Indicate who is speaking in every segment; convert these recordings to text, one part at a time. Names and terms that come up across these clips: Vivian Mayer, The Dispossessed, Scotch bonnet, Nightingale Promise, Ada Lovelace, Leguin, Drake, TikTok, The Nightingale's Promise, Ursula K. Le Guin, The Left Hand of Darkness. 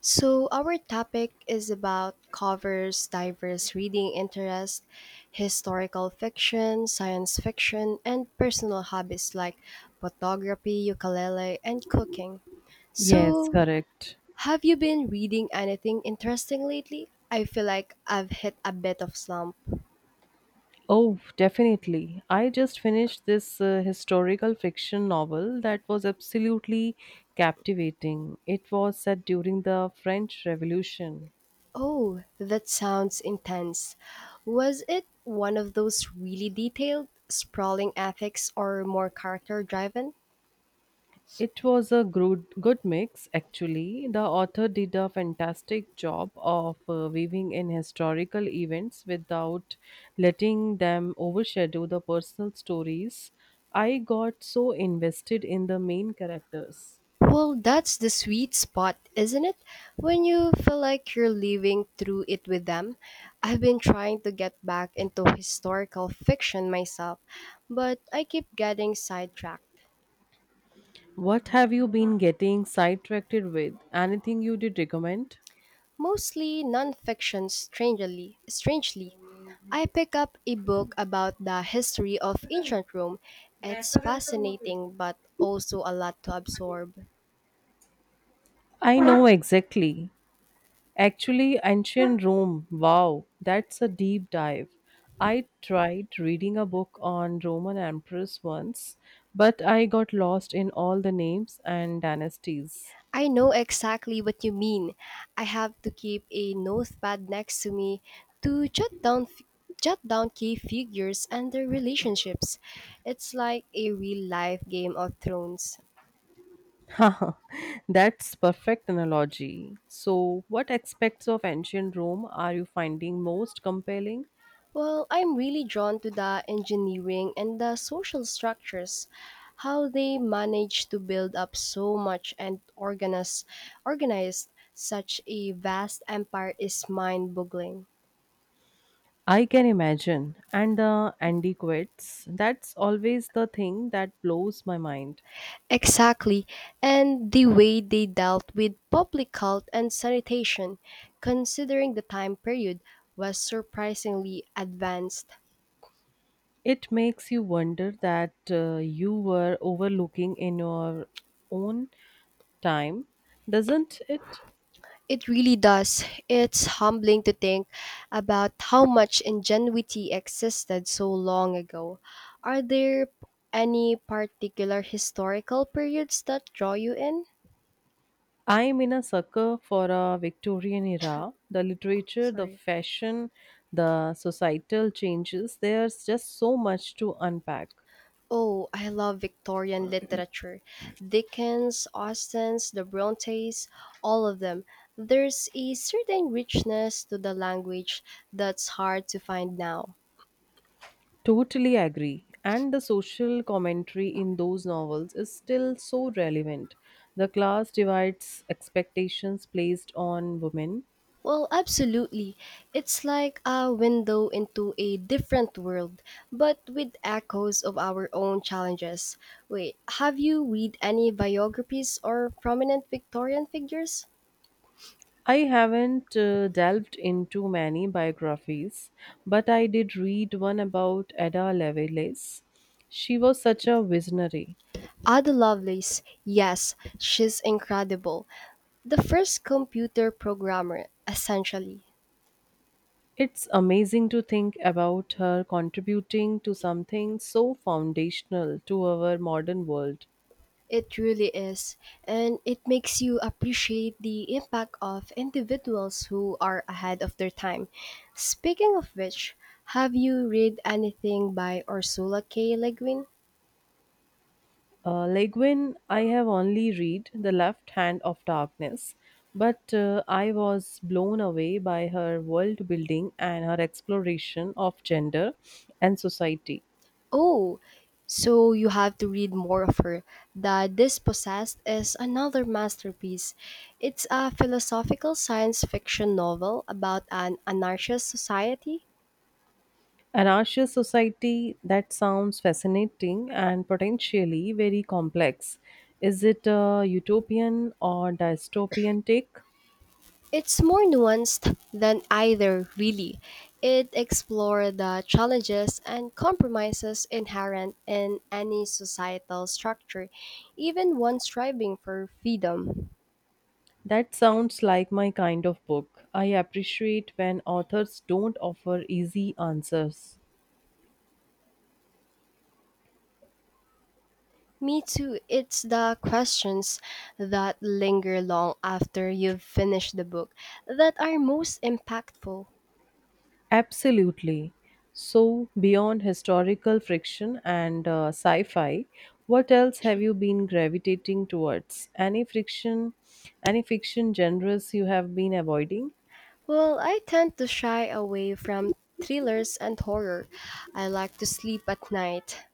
Speaker 1: So, our topic is about covers diverse reading interests, historical fiction, science fiction, and personal hobbies like photography, ukulele, and cooking.
Speaker 2: Yes,
Speaker 1: So,
Speaker 2: correct.
Speaker 1: have you been reading anything interesting lately? I feel like I've hit a bit of slump.
Speaker 2: Oh, definitely. I just finished this historical fiction novel that was absolutely captivating. It was set during the French Revolution.
Speaker 1: Oh, that sounds intense. Was it one of those really detailed, sprawling ethics or more character driven?
Speaker 2: It was a good mix, actually. The author did a fantastic job of weaving in historical events without letting them overshadow the personal stories. I got so invested in the main characters.
Speaker 1: Well, that's the sweet spot, isn't it? When you feel like you're living through it with them. I've been trying to get back into historical fiction myself, but I keep getting sidetracked.
Speaker 2: What have you been getting sidetracked with? Anything you did recommend?
Speaker 1: Mostly nonfiction, strangely. Strangely, I pick up a book about the history of ancient Rome. It's fascinating, but also a lot to absorb.
Speaker 2: I know exactly. Actually, ancient Rome. Wow, that's a deep dive. I tried reading a book on Roman emperors once, but I got lost in all the names and dynasties.
Speaker 1: I know exactly what you mean. I have to keep a notepad next to me to jot down key figures and their relationships. It's like a real-life game of thrones.
Speaker 2: Haha, that's perfect analogy. So, what aspects of ancient Rome are you finding most compelling?
Speaker 1: Well, I'm really drawn to the engineering and the social structures, how they manage to build up so much and organized such a vast empire is mind-boggling.
Speaker 2: I can imagine. And the antiquities, that's always the thing that blows my mind.
Speaker 1: Exactly, and the way they dealt with public health and sanitation, considering the time period, was surprisingly advanced.
Speaker 2: It makes you wonder that you were overlooking in your own time, doesn't it?
Speaker 1: It really does. It's humbling to think about how much ingenuity existed so long ago. Are there any particular historical periods that draw you in?
Speaker 2: I'm in a sucker for a Victorian era. The literature, the
Speaker 1: Sorry.
Speaker 2: fashion, the societal changes, there's just so much to unpack.
Speaker 1: Oh, I love Victorian literature. Dickens, Austen's, the Brontes, all of them. There's a certain richness to the language that's hard to find now.
Speaker 2: Totally agree. And the social commentary in those novels is still so relevant. The class divides expectations placed on women.
Speaker 1: Well, absolutely. It's like a window into a different world, but with echoes of our own challenges. Wait, have you read any biographies or prominent Victorian figures?
Speaker 2: I haven't delved into many biographies, but I did read one about Ada Lovelace. She was such a visionary.
Speaker 1: Ada Lovelace, yes, she's incredible. The first computer programmer, essentially.
Speaker 2: It's amazing to think about her contributing to something so foundational to our modern world.
Speaker 1: It really is, and it makes you appreciate the impact of individuals who are ahead of their time. Speaking of which, have you read anything by Ursula K. Le Guin?
Speaker 2: Leguin, I have only read The Left Hand of Darkness, but I was blown away by her world building and her exploration of gender and society.
Speaker 1: Oh, so you have to read more of her. The Dispossessed is another masterpiece. It's a philosophical science fiction novel about an anarchist society.
Speaker 2: An Anarchist society that sounds fascinating and potentially very complex. Is it a utopian or dystopian take?
Speaker 1: It's more nuanced than either, really. It explores the challenges and compromises inherent in any societal structure, even one striving for freedom.
Speaker 2: That sounds like my kind of book. I appreciate when authors don't offer easy answers.
Speaker 1: Me too, it's the questions that linger long after you've finished the book that are most impactful.
Speaker 2: Absolutely. So, beyond historical friction and sci fi, what else have you been gravitating towards? Any friction, any fiction genres you have been avoiding?
Speaker 1: Well, I tend to shy away from thrillers and horror. I like to sleep at night.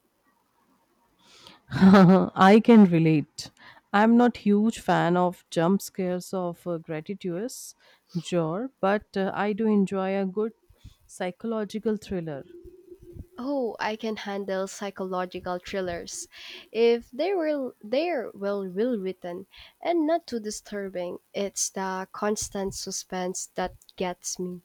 Speaker 2: I can relate. I'm not huge fan of jump scares of gratuitous genre, but I do enjoy a good psychological thriller.
Speaker 1: Oh, I can handle psychological thrillers if they're well written and not too disturbing. It's the constant suspense that gets me.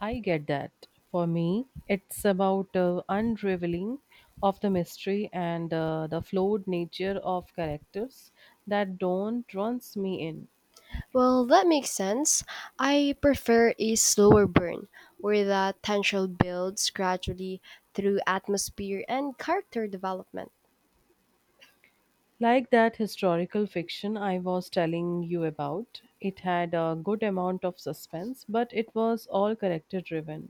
Speaker 2: I get that. For me, it's about unraveling of the mystery and the flawed nature of characters that don't runs me in.
Speaker 1: Well, that makes sense. I prefer a slower burn where the tension builds gradually through atmosphere and character development.
Speaker 2: Like that historical fiction I was telling you about, it had a good amount of suspense, but it was all character driven.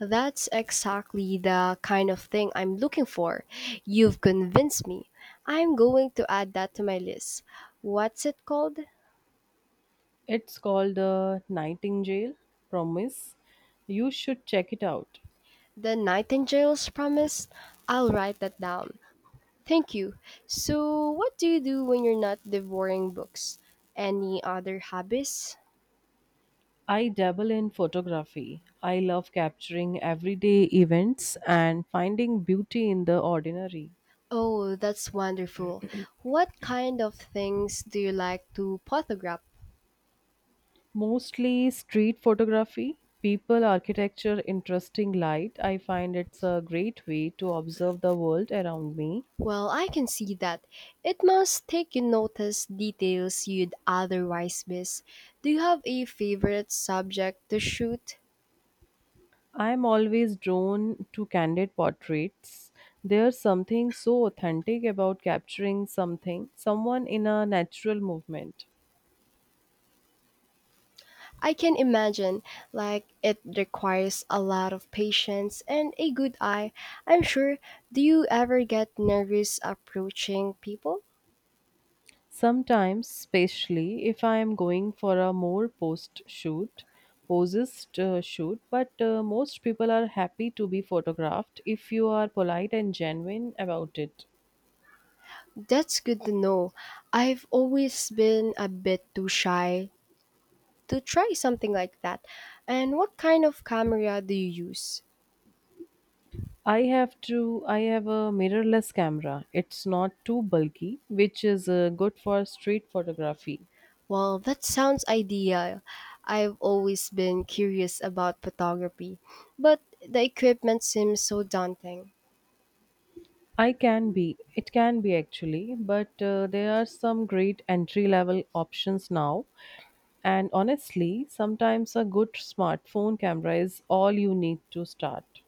Speaker 1: That's exactly the kind of thing I'm looking for. You've convinced me. I'm going to add that to my list. What's it called?
Speaker 2: It's called Nightingale Promise. You should check it out.
Speaker 1: The Nightingale's Promise? I'll write that down. Thank you. So, what do you do when you're not devouring books? Any other hobbies?
Speaker 2: I dabble in photography. I love capturing everyday events and finding beauty in the ordinary.
Speaker 1: Oh, that's wonderful. What kind of things do you like to photograph?
Speaker 2: Mostly street photography, people, architecture, interesting light. I find it's a great way to observe the world around me.
Speaker 1: Well, I can see that. It must take you notice details you'd otherwise miss. Do you have a favorite subject to shoot?
Speaker 2: I'm always drawn to candid portraits. There's something so authentic about capturing someone in a natural movement.
Speaker 1: I can imagine, like it requires a lot of patience and a good eye. I'm sure. Do you ever get nervous approaching people?
Speaker 2: Sometimes, especially if I am going for a more post shoot, posist shoot, but most people are happy to be photographed if you are polite and genuine about it.
Speaker 1: That's good to know. I've always been a bit too shy to try something like that. And what kind of camera do you use?
Speaker 2: I have a mirrorless camera. It's not too bulky, which is good for street photography.
Speaker 1: Well, that sounds ideal. I've always been curious about photography, but the equipment seems so daunting.
Speaker 2: I can be. It can be actually, but there are some great entry level options now. And honestly, sometimes a good smartphone camera is all you need to start.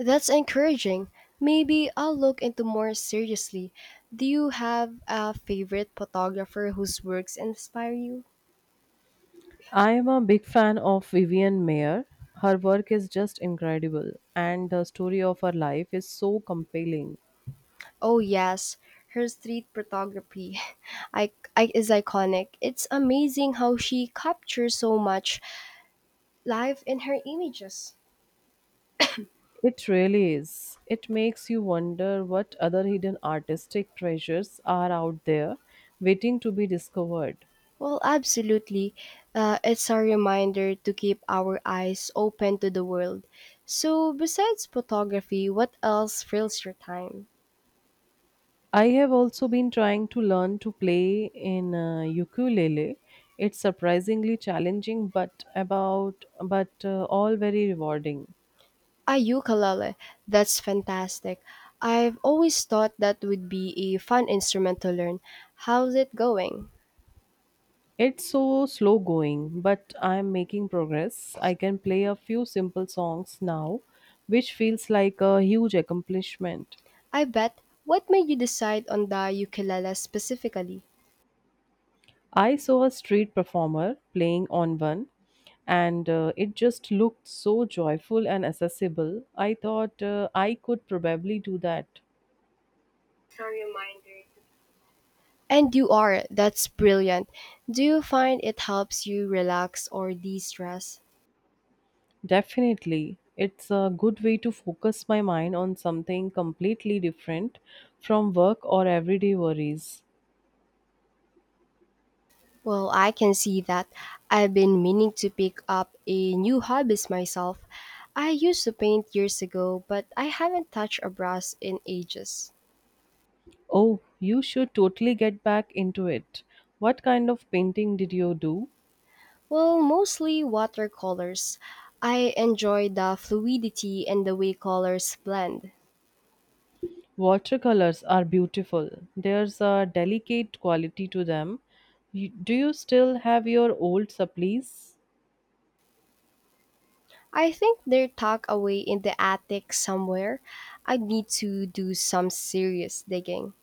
Speaker 1: That's encouraging. Maybe I'll look into more seriously. Do you have a favorite photographer whose works inspire you?
Speaker 2: I am a big fan of Vivian Mayer. Her work is just incredible, and the story of her life is so compelling.
Speaker 1: Oh yes, her street photography I, is iconic. It's amazing how she captures so much life in her images.
Speaker 2: It really is. It makes you wonder what other hidden artistic treasures are out there waiting to be discovered.
Speaker 1: Well, absolutely. It's a reminder to keep our eyes open to the world. So, besides photography, what else fills your time?
Speaker 2: I have also been trying to learn to play in ukulele. It's surprisingly challenging, but all very rewarding.
Speaker 1: Ah, ukulele. That's fantastic. I've always thought that would be a fun instrument to learn. How's it going?
Speaker 2: It's so slow going, but I am making progress. I can play a few simple songs now, which feels like a huge accomplishment.
Speaker 1: I bet. What made you decide on the ukulele specifically?
Speaker 2: I saw a street performer playing on one, and it just looked so joyful and accessible. I thought I could probably do that.
Speaker 1: And you are. That's brilliant. Do you find it helps you relax or de stress?
Speaker 2: Definitely. It's a good way to focus my mind on something completely different from work or everyday worries.
Speaker 1: Well, I can see that. I've been meaning to pick up a new hobbies myself. I used to paint years ago, but I haven't touched a brush in ages.
Speaker 2: Oh, you should totally get back into it. What kind of painting did you do?
Speaker 1: Well, mostly watercolors. I enjoy the fluidity and the way colors blend.
Speaker 2: Watercolors are beautiful. There's a delicate quality to them. Do you still have your old supplies?
Speaker 1: I think they're tucked away in the attic somewhere. I'd need to do some serious digging.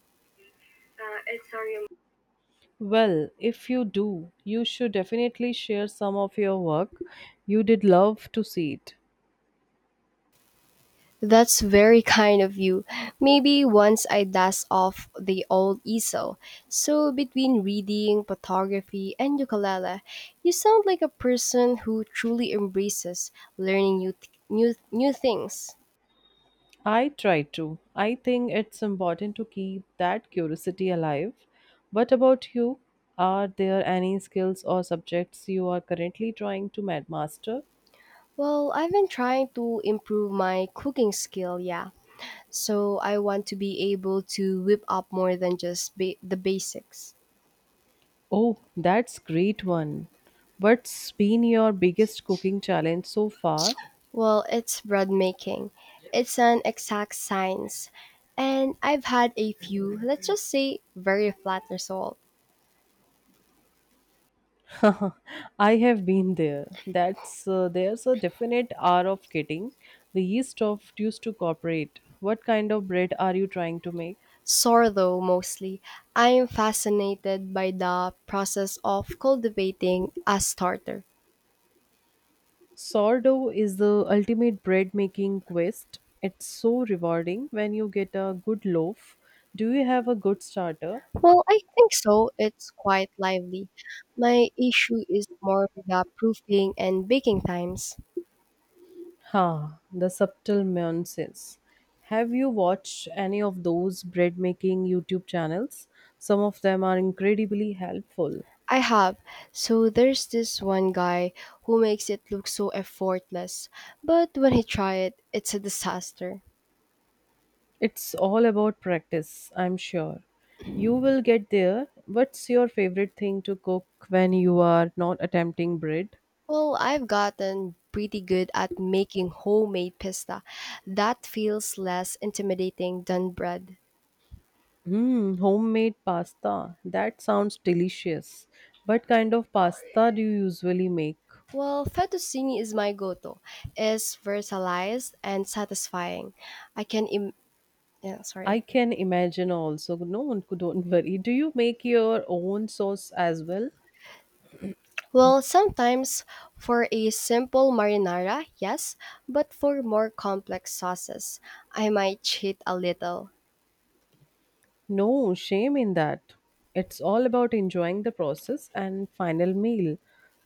Speaker 2: Well, if you do, you should definitely share some of your work. You did love to see it.
Speaker 1: That's very kind of you. Maybe once I dust off the old easel. So, between reading, photography, and ukulele, you sound like a person who truly embraces learning new things.
Speaker 2: I try to. I think it's important to keep that curiosity alive. What about you? Are there any skills or subjects you are currently trying to master?
Speaker 1: Well, I've been trying to improve my cooking skill, yeah. So, I want to be able to whip up more than just the basics.
Speaker 2: Oh, that's great one. What's been your biggest cooking challenge so far?
Speaker 1: Well, it's bread making. It's an exact science. And I've had a few, let's just say, very flat result.
Speaker 2: I have been there. That's there's a definite hour of getting the yeast of used to cooperate. What kind of bread are you trying to make?
Speaker 1: Sourdough mostly. I am fascinated by the process of cultivating a starter.
Speaker 2: Sourdough is the ultimate bread making quest. It's so rewarding when you get a good loaf. Do you have a good starter?
Speaker 1: Well, I think so. It's quite lively. My issue is more with the proofing and baking times.
Speaker 2: Ha, the subtle nuances. Have you watched any of those bread making YouTube channels? Some of them are incredibly helpful.
Speaker 1: I have. So there's this one guy who makes it look so effortless, but when he try it, it's a disaster.
Speaker 2: It's all about practice, I'm sure. You will get there. What's your favorite thing to cook when you are not attempting bread?
Speaker 1: Well, I've gotten pretty good at making homemade pista. That feels less intimidating than bread.
Speaker 2: Mm, homemade pasta. That sounds delicious. What kind of pasta do you usually make?
Speaker 1: Well, fettuccine is my go-to. It's versatile and satisfying. I can Im- yeah,
Speaker 2: I
Speaker 1: sorry.
Speaker 2: can imagine also. No one could don't worry. Do you make your own sauce as well?
Speaker 1: Well, sometimes for a simple marinara, yes, but for more complex sauces, I might cheat a little.
Speaker 2: No shame in that. It's all about enjoying the process and final meal.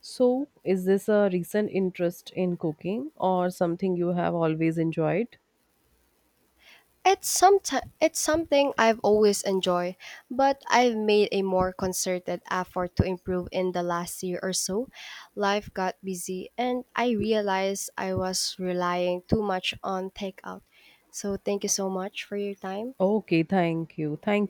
Speaker 2: So, is this a recent interest in cooking or something you have always enjoyed?
Speaker 1: It's something I've always enjoyed, but I've made a more concerted effort to improve in the last year or so. Life got busy and I realized I was relying too much on takeout. So thank you so much for your time.
Speaker 2: Okay, thank you. Thank